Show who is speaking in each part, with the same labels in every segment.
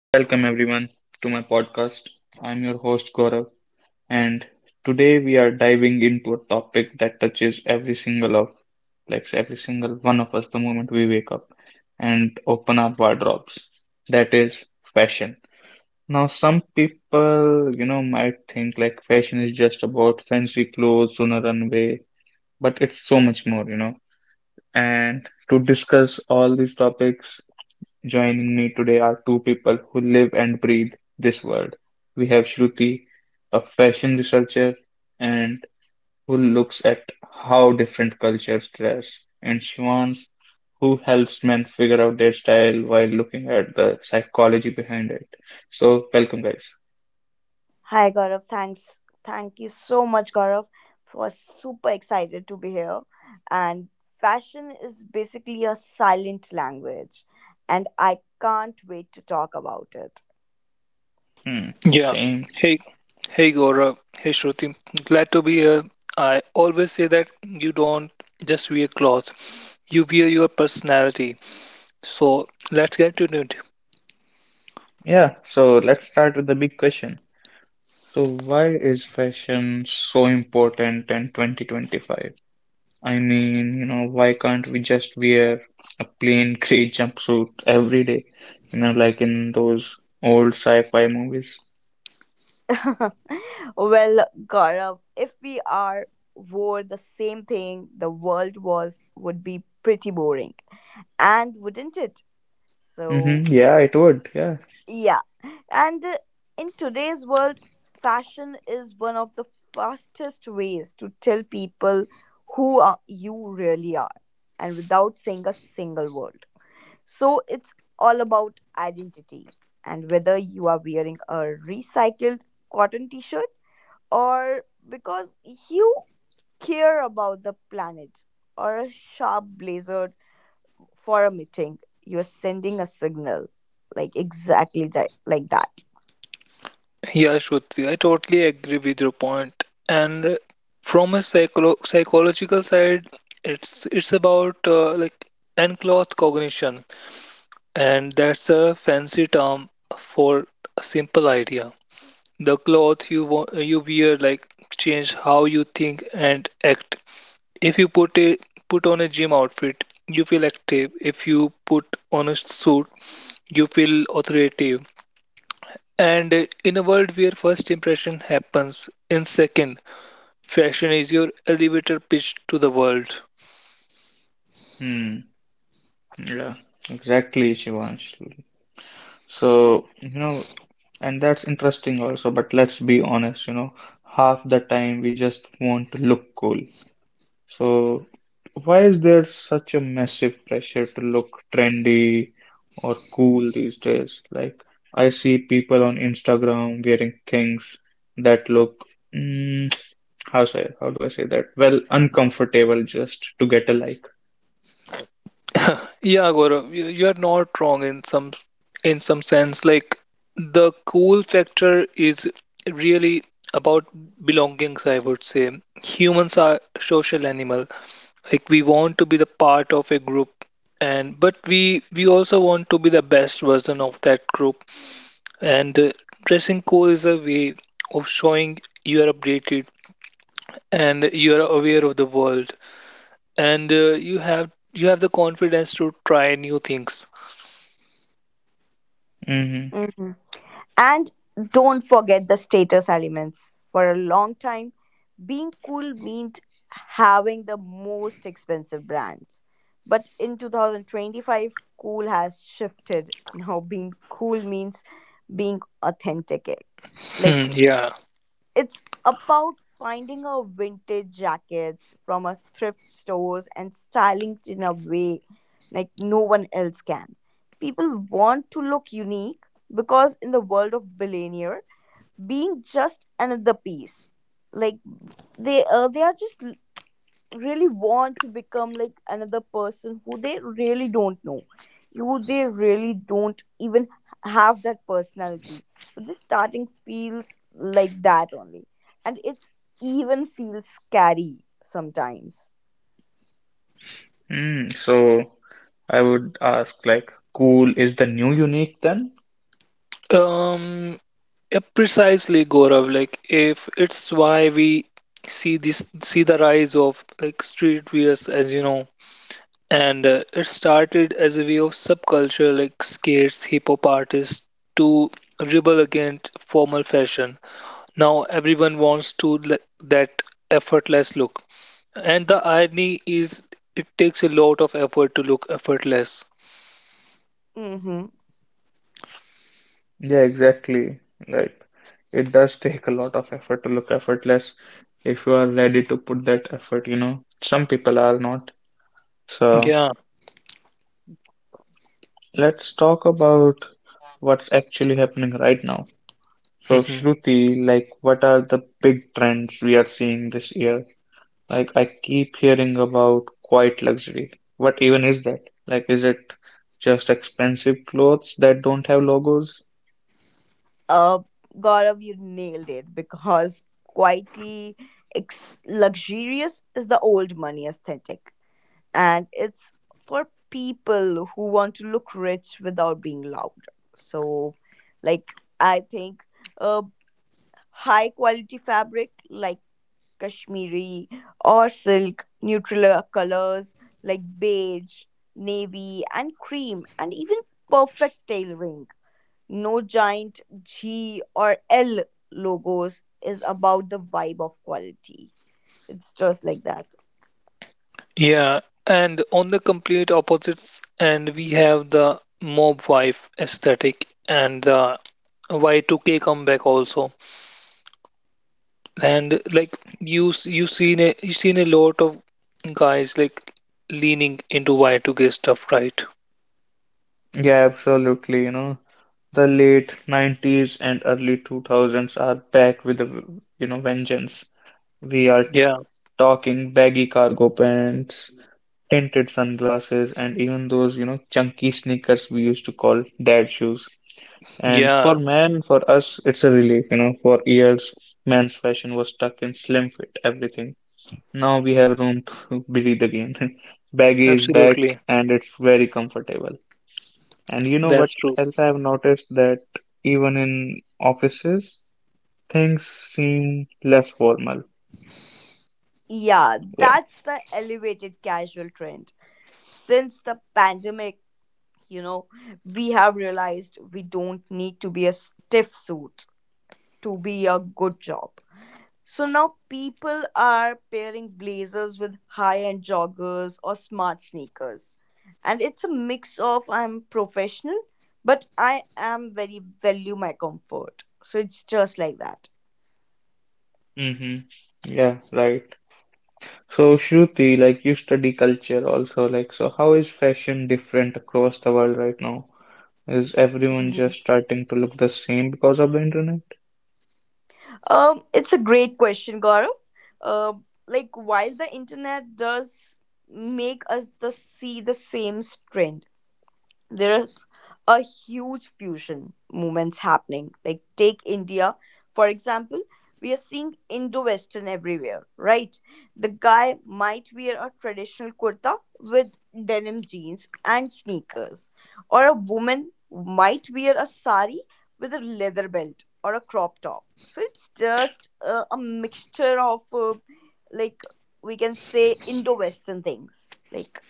Speaker 1: Welcome everyone to my podcast. I'm your host Gaurav, and today we are diving into a topic that touches like every single one of us the moment we wake up and open our wardrobes. That is fashion. Now, some people, might think like fashion is just about fancy clothes on a runway, but it's so much more. And to discuss all these topics, joining me today are two people who live and breathe this world. We have Shruti, a fashion researcher and who looks at how different cultures dress, and Shivans, who helps men figure out their style while looking at the psychology behind it. So, welcome, guys.
Speaker 2: Hi Gaurav, thanks. Thank you so much, Gaurav. Was super excited to be here. And fashion is basically a silent language, and I can't wait to talk about it.
Speaker 1: Hmm,
Speaker 3: Yeah.
Speaker 1: same.
Speaker 3: Hey, hey Gaurav. Hey Shruti. Glad to be here. I always say that you don't just wear clothes, you wear your personality. So let's get to it.
Speaker 1: Yeah, so let's start with the big question. So, why is fashion so important in 2025? I mean, why can't we just wear a plain gray jumpsuit every day? You know, like in those old sci-fi movies.
Speaker 2: Well, Gaurav, if we are wore the same thing, the world was would be pretty boring, and wouldn't it?
Speaker 1: Hmm.
Speaker 2: So
Speaker 1: Yeah, it would. Yeah.
Speaker 2: yeah. And In today's world, fashion is one of the fastest ways to tell people who are, you really are and without saying a single word. So it's all about identity and whether you are wearing a recycled cotton t shirt or because you care about the planet or a sharp blazer for a meeting, you're sending a signal like exactly that, like that.
Speaker 3: Yeah, Shruti, I totally agree with your point. And from a psychological side, it's about like unclothed cognition, and that's a fancy term for a simple idea. The cloth you you wear like change how you think and act. If you put on a gym outfit, you feel active. If you put on a suit, you feel authoritative. And in a world where first impression happens in second, fashion is your elevator pitch to the world.
Speaker 1: Hmm. Yeah, exactly, Shivansh. So, and that's interesting also, but let's be honest, half the time we just want to look cool. So, why is there such a massive pressure to look trendy or cool these days? Like, I see people on Instagram wearing things that look, mm, how say, how do I say that? Well, uncomfortable just to get a like.
Speaker 3: Yeah, Gaurav, you're not wrong in some sense. Like the cool factor is really about belongings, I would say. Humans are social animal. Like we want to be the part of a group, and but we also want to be the best version of that group. And dressing cool is a way of showing you are updated and you are aware of the world, and you have the confidence to try new things.
Speaker 1: Hmm.
Speaker 2: Mhm. And don't forget the status elements. For a long time, being cool meant having the most expensive brands. But in 2025, cool has shifted. Now, being cool means being authentic. Like
Speaker 3: Hmm, yeah.
Speaker 2: it's about finding a vintage jackets from a thrift stores and styling it in a way like no one else can. People want to look unique because in the world of billionaire, being just another piece, like they are just really want to become like another person who they really don't know who they really don't even have that personality but this starting feels like that only and it's even feels scary sometimes.
Speaker 1: Mm, so, I would ask, like, cool is the new unique then?
Speaker 3: Um, yeah, precisely, Gaurav. Like, if it's why we see the rise of like street wears, as you know, and it started as a way of subculture, like skates, hip hop artists, to rebel against formal fashion. Now everyone wants to like that effortless look, and the irony is, it takes a lot of effort to look effortless.
Speaker 2: Mm-hmm.
Speaker 1: Yeah, exactly. Like it does take a lot of effort to look effortless if you are ready to put that effort. Some people are not. So
Speaker 3: Yeah.
Speaker 1: let's talk about what's actually happening right now. So
Speaker 3: Mm-hmm.
Speaker 1: Shruti, like what are the big trends we are seeing this year? Like I keep hearing about quiet luxury. What even is that? Like is it just expensive clothes that don't have logos?
Speaker 2: Uh, Gaurav, you nailed it because quietly ex- luxurious is the old money aesthetic. And it's for people who want to look rich without being loud. So, like, I think uh, high quality fabric like Kashmiri or silk, neutral colors like beige, navy, and cream, and even perfect tailoring. No giant G or L logos is about the vibe of quality. It's just like that.
Speaker 3: Yeah, and on the complete opposites, and we have the mob wife aesthetic and the Y2K comeback also. And like you seen a lot of guys like leaning into Y2K stuff, right?
Speaker 1: Yeah, absolutely. You know, the late 90s and early 2000s are back with vengeance. We are
Speaker 3: Yeah,
Speaker 1: talking baggy cargo pants, tinted sunglasses, and even those, chunky sneakers we used to call dad shoes. And
Speaker 3: yeah,
Speaker 1: for men, for us, it's a relief, you know. For years, men's fashion was stuck in slim fit everything. Now we have room to breathe again. Baggy is back
Speaker 3: absolutely.
Speaker 1: and it's very comfortable. And you know what
Speaker 3: That's true.
Speaker 1: else I've noticed that even in offices, things seem less formal.
Speaker 2: Yeah,
Speaker 1: Yeah.
Speaker 2: that's the elevated casual trend. Since the pandemic, you know, we have realized we don't need to be a stiff suit to be a good job. So now people are pairing blazers with high end joggers or smart sneakers. And it's a mix of I'm professional, but I am very value my comfort. So it's just like that.
Speaker 1: Mm-hmm. Yeah, right. So Shruti, like you study culture also, like so how is fashion different across the world right now? Is everyone just starting to look the same because of the internet?
Speaker 2: It's a great question, Gaurav. Uh, like while the internet does make us the see the same trend, there's a huge fusion movements happening like take india for example. We are seeing indo-western everywhere, right? The guy might wear a traditional kurta with denim jeans and sneakers or a woman might wear a sari with a leather belt or a crop top. So it's just a mixture of like we can say indo-western things like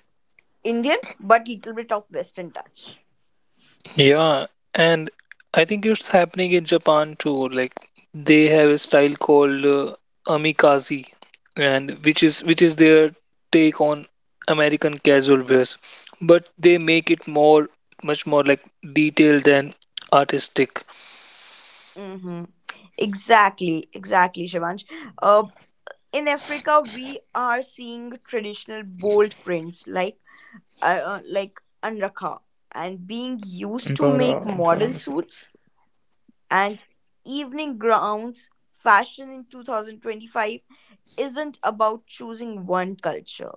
Speaker 2: indian but little bit of western touch.
Speaker 3: Yeah, and I think it's happening in Japan too. Like they have a style called amikaze, and which is their take on American casual wears, but they make it more much more like detailed and artistic.
Speaker 2: Mm-hmm. Exactly, exactly, Shivansh. Uh, in Africa, we are seeing traditional bold prints like anrakha and being used to
Speaker 1: Ankara,
Speaker 2: make
Speaker 1: Ankara
Speaker 2: model
Speaker 1: message.
Speaker 2: suits and evening gowns. Fashion in 2025 isn't about choosing one culture,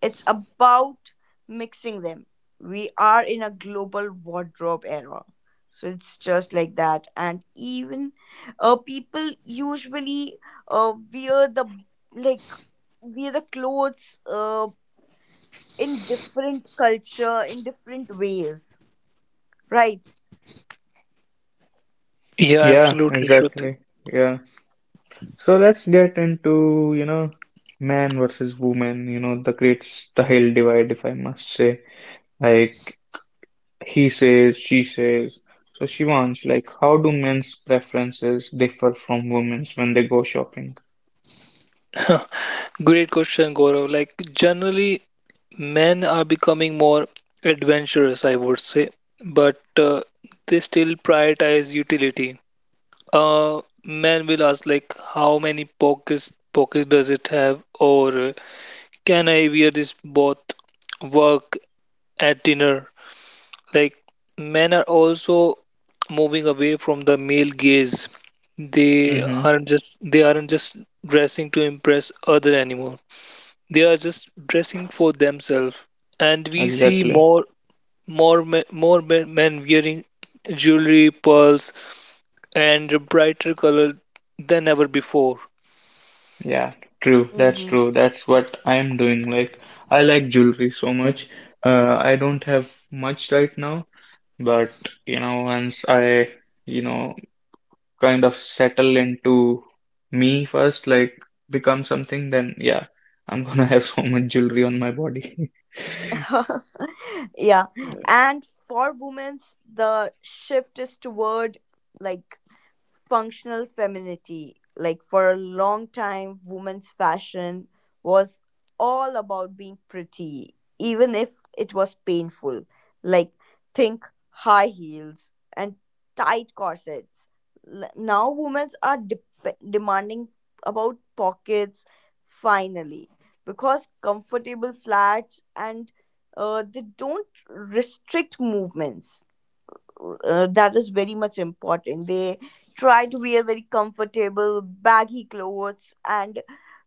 Speaker 2: it's about mixing them. We are in a global wardrobe era. So it's just like that. And even People usually wear the like wear the clothes in different culture in different ways, right?
Speaker 3: Yeah,
Speaker 1: Yeah,
Speaker 3: absolutely, Shruti.
Speaker 1: exactly. Yeah. So let's get into, man versus woman, the great Sahil divide, if I must say. Like he says, she says. So Shivansh, like how do men's preferences differ from women's when they go shopping?
Speaker 3: Great question, Gaurav. Like generally, men are becoming more adventurous, I would say, but they still prioritize utility. Man will ask like how many pockets does it have or can I wear this both work at dinner? Like men are also moving away from the male gaze. They
Speaker 1: Mm-hmm.
Speaker 3: aren't just they aren't just dressing to impress other anymore. They are just dressing for themselves. And we see
Speaker 1: Exactly.
Speaker 3: more men wearing jewelry, pearls, and brighter color than ever before.
Speaker 1: Yeah, true. That's
Speaker 2: Mm-hmm.
Speaker 1: true. That's what I'm doing. Like I like jewelry so much. I don't have much right now, but once I, you know, kind of settle into me first, like become something, then yeah, I'm gonna have so much jewelry on my body.
Speaker 2: Yeah, and for women's the shift is toward like functional femininity. Like for a long time, women's fashion was all about being pretty, even if it was painful. Like think high heels and tight corsets. Now women are dep demanding about pockets finally because comfortable flats and they don't restrict movements, that is very much important. They try to wear very comfortable, baggy clothes, and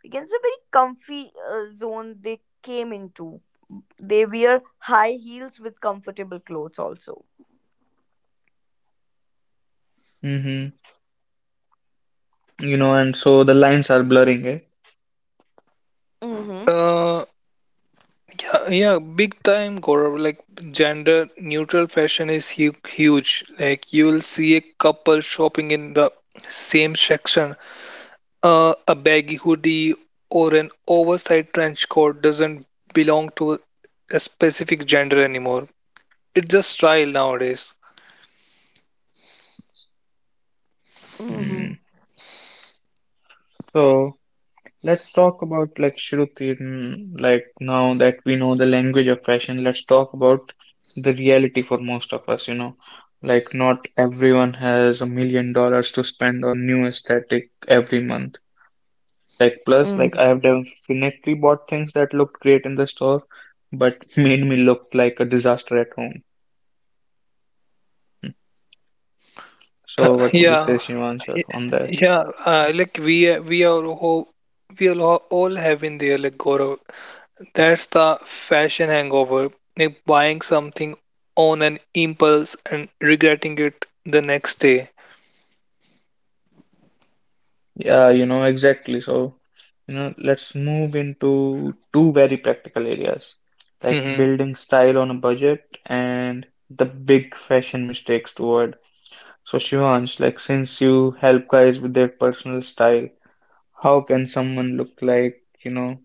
Speaker 2: we can say very comfy zone they came into. They wear high heels with comfortable clothes also.
Speaker 1: Mm-hmm. You know, and so the lines are blurring, eh?
Speaker 2: Mm-hmm.
Speaker 3: Uh, yeah, yeah, big time, Gaurav. Like gender neutral fashion is hu huge. Like you'll see a couple shopping in the same section. A baggy hoodie or an oversized trench coat doesn't belong to a specific gender anymore. It's just style nowadays.
Speaker 2: Mm-hmm.
Speaker 1: Mm. So let's talk about like Shruti, mm, like now that we know the language of fashion, let's talk about the reality for most of us, you know. Like not everyone has $1 million to spend on new aesthetic every month. Like plus, like I have definitely bought things that looked great in the store, but made me look like a disaster at home. So what would you say,
Speaker 3: Yeah,
Speaker 1: Shivanshu,
Speaker 3: y-
Speaker 1: on that?
Speaker 3: yeah. Like we are all have been there, like Gaurav. That's the fashion hangover, like buying something on an impulse and regretting it the next day.
Speaker 1: Yeah, exactly. So, let's move into two very practical areas, like
Speaker 3: Mhm.
Speaker 1: building style on a budget and the big fashion mistakes to avoid. So, Shivansh, like since you help guys with their personal style, how can someone look like,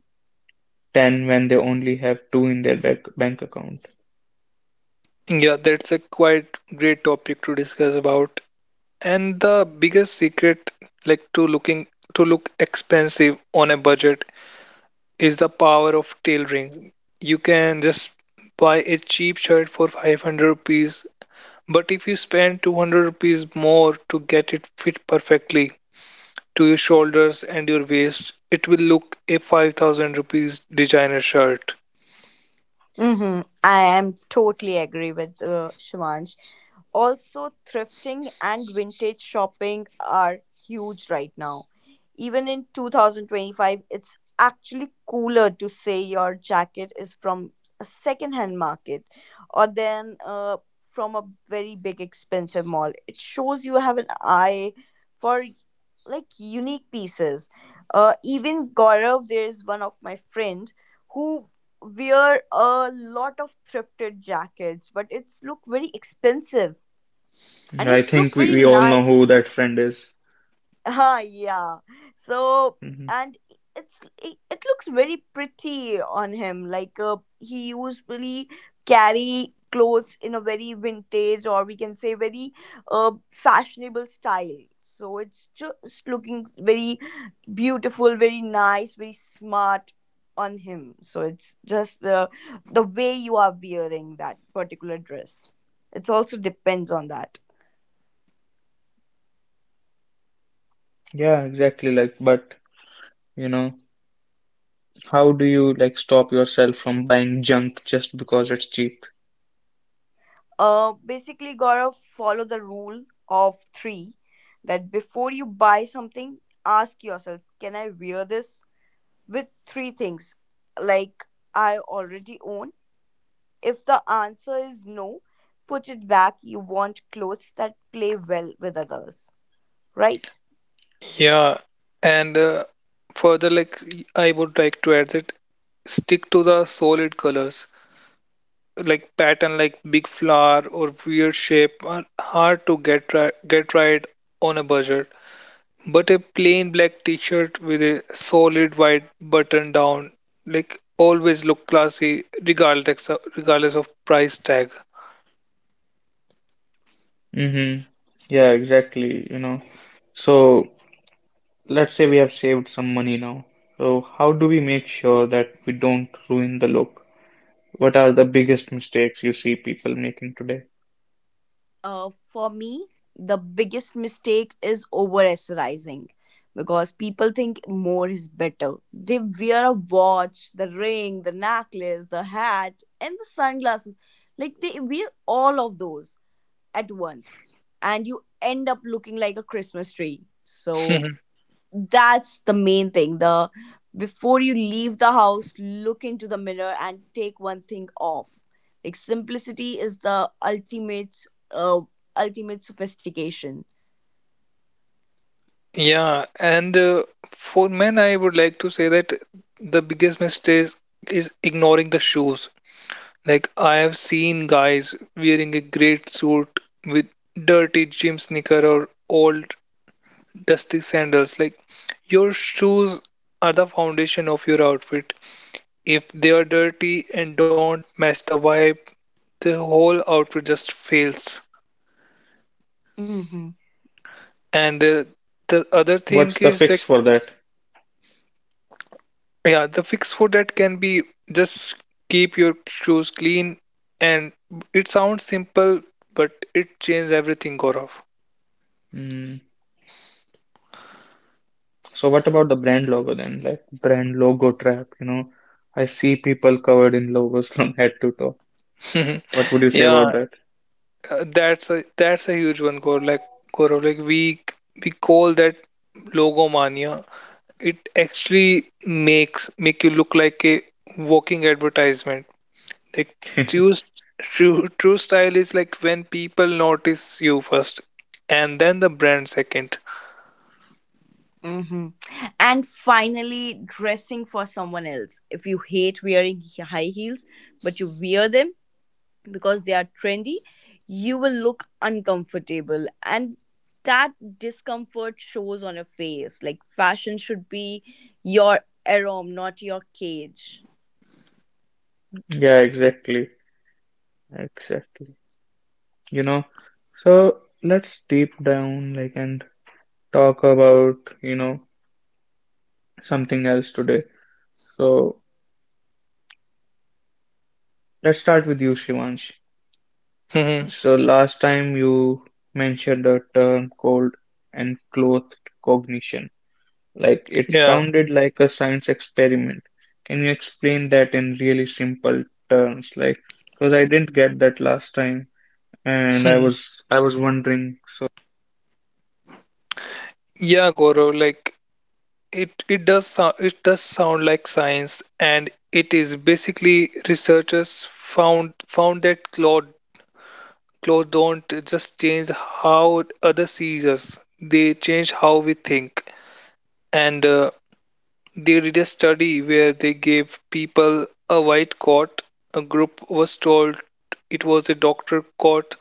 Speaker 1: 10 when they only have two in their bank account?
Speaker 3: Yeah, that's a quite great topic to discuss about. And the biggest secret, like to look expensive on a budget, is the power of tailoring. You can just buy a cheap shirt for 500 rupees, but if you spend 200 rupees more to get it fit perfectly, to your shoulders and your waist, it will look a 5,000 rupees designer shirt.
Speaker 2: Mm-hmm. I am totally agree with Shivansh. Also, thrifting and vintage shopping are huge right now. Even in 2025, it's actually cooler to say your jacket is from a second-hand market or then from a very big expensive mall. It shows you have an eye for like unique pieces. Even Gaurav, there is one of my friend who wear a lot of thrifted jackets, but it's look very expensive and
Speaker 1: I
Speaker 2: it's look
Speaker 1: think
Speaker 2: very
Speaker 1: we all know
Speaker 2: nice.
Speaker 1: who that friend is.
Speaker 2: Ah, yeah. So,
Speaker 1: Hmm.
Speaker 2: and it looks very pretty on him. Like he usually carry clothes in a very vintage or we can say very fashionable style. So it's just looking very beautiful, very nice, very smart on him. So it's just the way you are wearing that particular dress. It also depends on that.
Speaker 1: Yeah, exactly. Like, but, you know, how do you like stop yourself from buying junk just because it's cheap?
Speaker 2: Basically, gotta follow the rule of three that before you buy something, ask yourself, can I wear this with three things like I already own? If the answer is no, put it back. You want clothes that play well with others, right?
Speaker 3: Yeah, and further, like I would like to add that stick to the solid colors. Like pattern like big flower or weird shape are hard to get right on a budget. But a plain black t-shirt with a solid white button down like always look classy regardless of price tag.
Speaker 1: Mm-hmm. Yeah, exactly, you know. So let's say we have saved some money now. So how do we make sure that we don't ruin the look? What are the biggest mistakes you see people making today?
Speaker 2: For me, the biggest mistake is over accessorizing because people think more is better. They wear a watch, the ring, the necklace, the hat, and the sunglasses. Like they wear all of those at once, and you end up looking like a Christmas tree. So that's the main thing. The before you leave the house look into the mirror and take one thing off like simplicity is the ultimate uh, ultimate sophistication.
Speaker 3: Yeah, and for men, I would like to say that the biggest mistake is ignoring the shoes. Like, I have seen guys wearing a great suit with dirty gym sneaker or old dusty sandals. Like, your shoes are the foundation of your outfit. If they are dirty and don't match the vibe, the whole outfit just fails.
Speaker 2: Mm-hmm.
Speaker 3: And the other thing
Speaker 1: What's the
Speaker 3: is that
Speaker 1: fix for that?
Speaker 3: yeah, the fix for that can be just keep your shoes clean, and it sounds simple, but it changes everything, Gaurav.
Speaker 1: Mm. So what about the brand logo then? Like brand logo trap, you know? I see people covered in logos from head to toe. What would you say about
Speaker 3: Yeah,
Speaker 1: that?
Speaker 3: that's a huge one, Gaurav. Like Gaurav, like we call that logomania. It actually make you look like a walking advertisement. Like true s- true true style is like when people notice you first, and then the brand second.
Speaker 2: Mm-hmm. And finally, dressing for someone else. If you hate wearing high heels, but you wear them, because they are trendy, you will look uncomfortable. And that discomfort shows on your face. Like fashion should be your aroma, not your cage.
Speaker 1: Yeah, exactly. Exactly. You know, so let's deep down like and talk about something else today. So let's start with you, Shivansh.
Speaker 3: Hmm.
Speaker 1: So last time you mentioned a term called enclothed cognition. Like it
Speaker 3: Yeah.
Speaker 1: sounded like a science experiment. Can you explain that in really simple terms? Like because I didn't get that last time and i was i was wondering. So
Speaker 3: Yeah, Gaurav, like it does sound like science and it is basically researchers found found that clothes don't just change how other sees us. They change how we think. And they did a study where they gave people a white coat. A group was told it was a doctor coat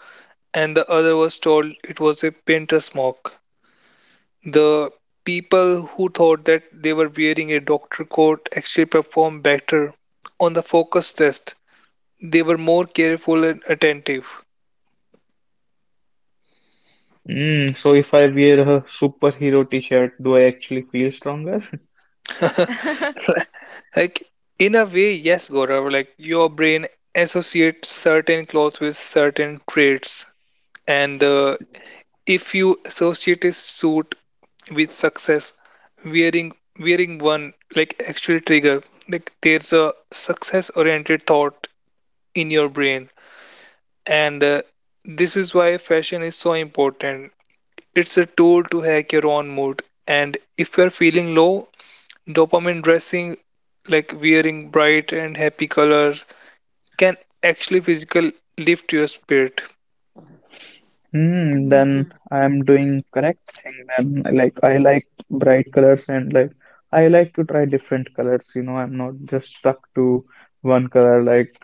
Speaker 3: and the other was told it was a painter's smock. The people who thought that they were wearing a doctor coat actually performed better on the focus test. They were more careful and attentive.
Speaker 1: hmm, so if I wear a superhero t-shirt, do I actually feel stronger?
Speaker 3: Like, in a way, yes, Gaurav, like your brain associates certain clothes with certain traits. And if you associate a suit with success, wearing wearing one like actually trigger like there's a success oriented thought in your brain. And this is why fashion is so important. It's a tool to hack your own mood. And if you're feeling low, dopamine dressing, like wearing bright and happy colors, can actually physical lift your spirit.
Speaker 1: Hmm, then
Speaker 2: Mhm.
Speaker 1: I am doing correct thing then. Like I like bright colors and like I like to try different colors, you know, I'm not just stuck to one color, like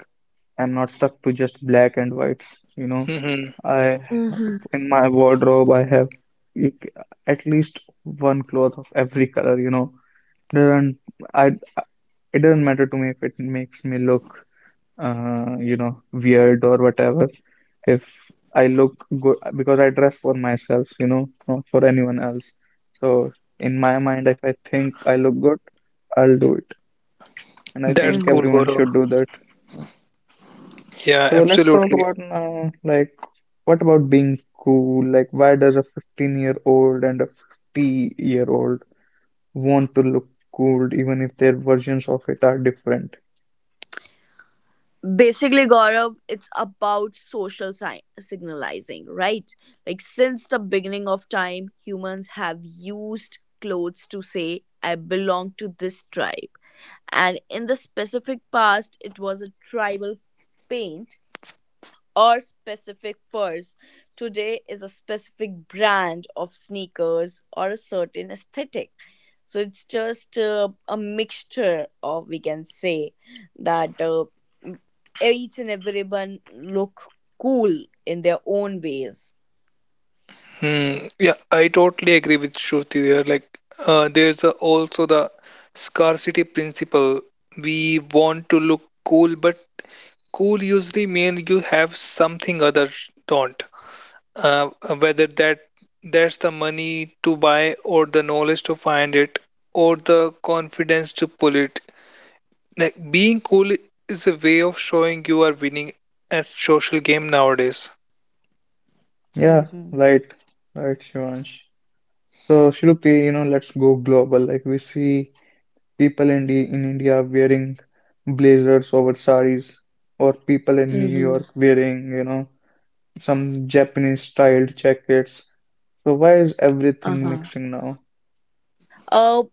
Speaker 1: I'm not stuck to just black and whites, you know.
Speaker 3: Hmm
Speaker 1: I
Speaker 2: Mhm.
Speaker 1: in my wardrobe I have you c- at least one cloth of every color, you know. Doesn't I It doesn't matter to me if it makes me look weird or whatever. If I look good, because I dress for myself, not for anyone else. So in my mind, if I think I look good, I'll do it. And I
Speaker 3: That's
Speaker 1: think
Speaker 3: cool,
Speaker 2: Mhm.
Speaker 1: everyone
Speaker 3: Gaurav.
Speaker 1: should do that.
Speaker 3: Yeah,
Speaker 1: So let's talk
Speaker 3: absolutely.
Speaker 1: about now, like, what about being cool? Like, why does a 15-year-old and a 50-year-old want to look cool, even if their versions of it are different?
Speaker 2: Basically, Gaurav, it's about social signalizing, right? Like since the beginning of time humans have used clothes to say I belong to this tribe, and in the specific past it was a tribal paint or specific furs. Today is a specific brand of sneakers or a certain aesthetic. So it's just a mixture of we can say that each and everyone look cool in their own ways.
Speaker 3: Hmm. Yeah, I totally agree with Shruti there. Like, there's a, also the scarcity principle. We want to look cool, but cool usually means you have something others don't, uh, whether that's the money to buy or the knowledge to find it or the confidence to pull it, like being cool is a way of showing you are winning at social game nowadays.
Speaker 1: Yeah,
Speaker 2: Mm-hmm.
Speaker 1: right, right, Shivansh. So Shilukti, let's go global. Like we see people in India wearing blazers over saris, or people in New York
Speaker 2: Mm-hmm.
Speaker 1: wearing, some Japanese styled jackets. So why is everything
Speaker 2: Uh-huh.
Speaker 1: mixing now?
Speaker 2: uh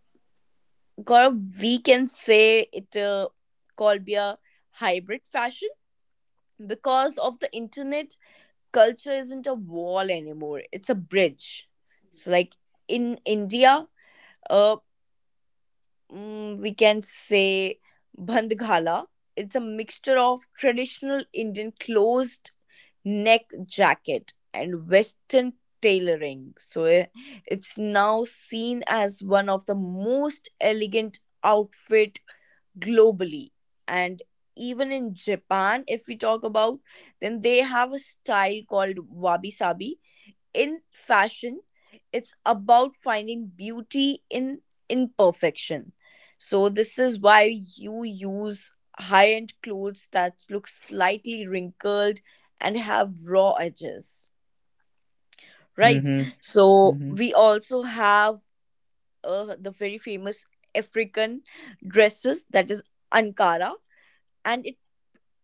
Speaker 2: Gaurav, we can say it called be a hybrid fashion. Because of the internet culture isn't a wall anymore, it's a bridge. So like in india, uh we can say bandghala. It's a mixture of traditional Indian closed neck jacket and Western tailoring. So eh, it's now seen as one of the most elegant outfit globally. And even in Japan if we talk about, then they have a style called wabi sabi in fashion. It's about finding beauty in imperfection. So this is why you use high-end clothes that look slightly wrinkled and have raw edges, right?
Speaker 1: Hmm.
Speaker 2: So
Speaker 1: Hmm.
Speaker 2: we also have the very famous African dresses that is Ankara, and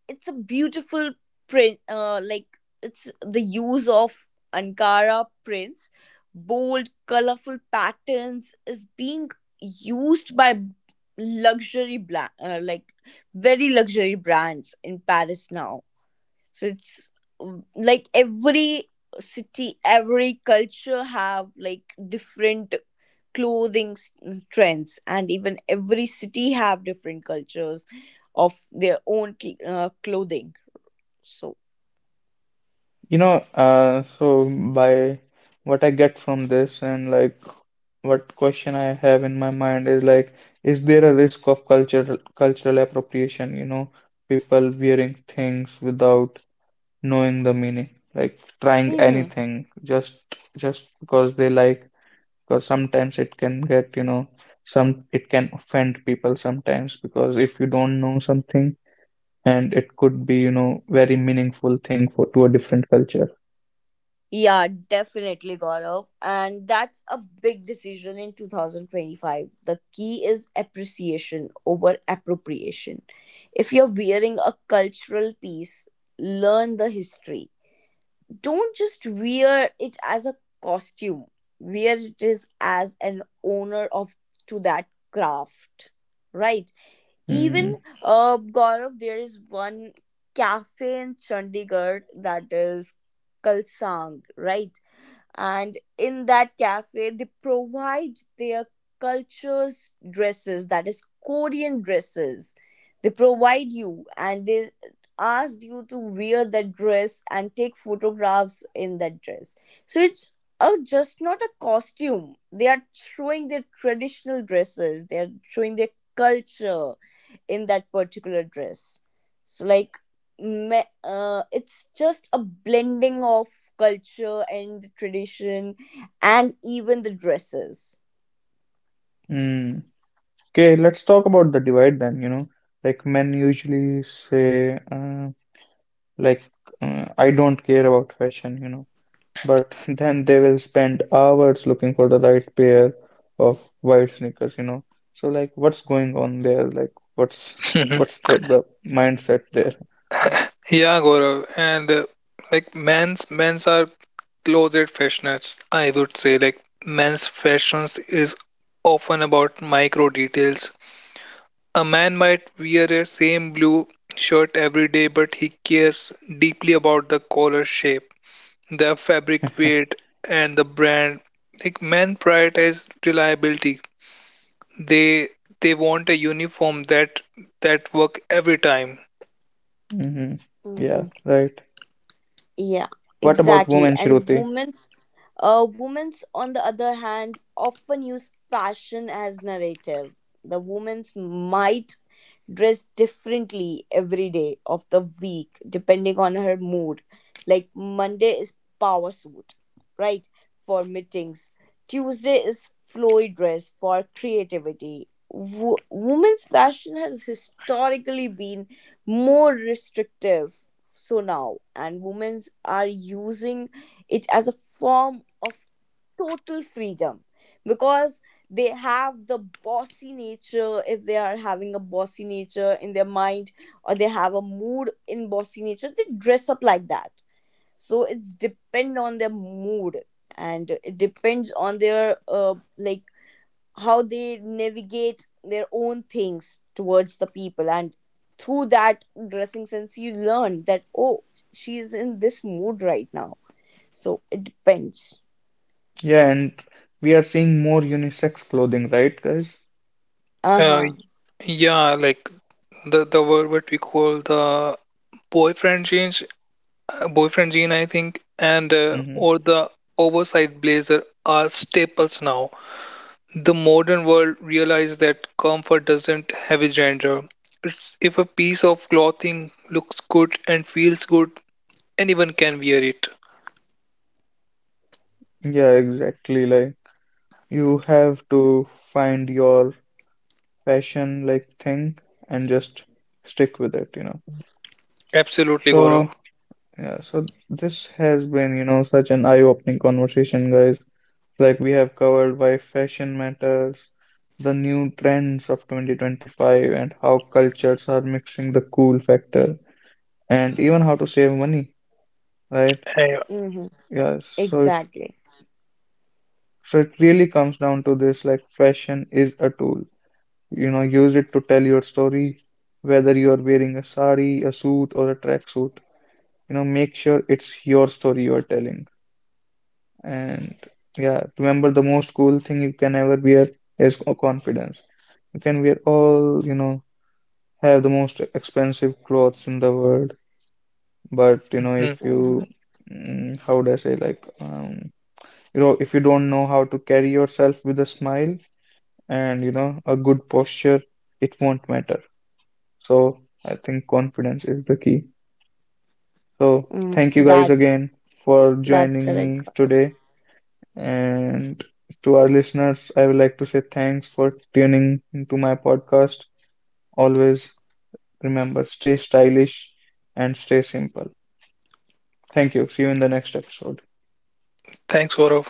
Speaker 2: it's a beautiful print like it's the use of ankara prints, bold colorful patterns is being used by like very luxury brands in paris now. So it's mm, like every city every culture have like different trends, and even every city have different cultures of their own clothing. So,
Speaker 1: You know, so by what I get from this and like what question I have in my mind is like, is there a risk of cultural appropriation? You know, people wearing things without knowing the meaning, like trying
Speaker 2: hmm,
Speaker 1: anything just because they like, because sometimes it can get, some, it can offend people sometimes because if you don't know something and it could be, very meaningful thing for to a different culture.
Speaker 2: yeah, definitely, Gaurav. And that's a big decision in 2025. The key is appreciation over appropriation. If you're wearing a cultural piece, learn the history. Don't just wear it as a costume, wear it is as an owner of to that craft, right? Even
Speaker 1: Mm,
Speaker 2: Gaurav, there is one cafe in Chandigarh that is Kalsang, right? And in that cafe, they provide their cultures dresses, that is Korean dresses. They provide you, and they asked you to wear that dress and take photographs in that dress. So it's just not a costume. They are showing their traditional dresses. They are showing their culture in that particular dress. So like it's just a blending of culture and tradition and even the dresses.
Speaker 1: mm. Okay, let's talk about the divide then, you know, like men usually say, like I don't care about fashion, you know. But then they will spend hours looking for the right pair of white sneakers, you know. So like what's going on there? Like what's
Speaker 3: Mhm.
Speaker 1: what's the mindset there?
Speaker 3: Yeah, Gaurav, and like men's are closet fashions, I would say. Like men's fashions is often about micro details. A man might wear a same blue shirt every day, but he cares deeply about the collar shape, the fabric weight, and the brand. Like men prioritize reliability. They they want a uniform that work every time.
Speaker 1: Hmm. Yeah,
Speaker 2: Mm-hmm.
Speaker 1: right.
Speaker 2: Yeah,
Speaker 1: What about
Speaker 2: exactly.
Speaker 1: women,
Speaker 2: And
Speaker 1: Shruti?
Speaker 2: women's, women's on the other hand often use fashion as narrative. The women's might dress differently every day of the week depending on her mood. Like Monday is power suit, right? For meetings. Tuesday is flowy dress for creativity. Women's fashion has historically been more restrictive, so now and women's are using it as a form of total freedom. Because they have the bossy nature, if they are having a bossy nature in their mind or they have a mood in bossy nature, they dress up like that. So it's depend on their mood, and it depends on their like how they navigate their own things towards the people. And through that dressing sense you learn that, oh, she's in this mood right now. So it depends.
Speaker 1: Yeah, and we are seeing more unisex clothing, right, guys?
Speaker 3: Uh,
Speaker 2: Uh-huh.
Speaker 3: yeah, like the word what we call the boyfriend jeans, boyfriend jean, I think, and
Speaker 1: Hmm.
Speaker 3: or the oversized blazer are staples now. The modern world realized that comfort doesn't have a gender. It's if a piece of clothing looks good and feels good, anyone can wear it.
Speaker 1: Yeah, exactly. Like you have to find your fashion like thing and just stick with it, you know.
Speaker 3: Absolutely, Gaurav.
Speaker 1: So yeah, so this has been, such an eye-opening conversation, guys. Like we have covered why fashion matters, the new trends of 2025, and how cultures are mixing the cool factor, and even how to save money, right?
Speaker 3: Eh,
Speaker 2: Mm-hmm.
Speaker 1: Yeah, so it,
Speaker 2: Exactly.
Speaker 1: so it really comes down to this, like fashion is a tool. You know, use it to tell your story, whether you are wearing a sari, a suit, or a tracksuit. You know, make sure it's your story you are telling. And yeah, remember the most cool thing you can ever wear is confidence. You can wear all, have the most expensive clothes in the world, but you know,
Speaker 3: mhm.
Speaker 1: if
Speaker 2: Mhm.
Speaker 1: you, mm, how would I say, like, you know, if you don't know how to carry yourself with a smile and, a good posture, it won't matter. So I think confidence is the key. So
Speaker 2: Mm,
Speaker 1: thank you guys again for
Speaker 2: that's
Speaker 1: joining
Speaker 2: correct.
Speaker 1: me today. And to our listeners, I would like to say thanks for tuning into my podcast. Always remember, stay stylish and stay simple. Thank you. See you in the next episode.
Speaker 3: Thanks, Gaurav.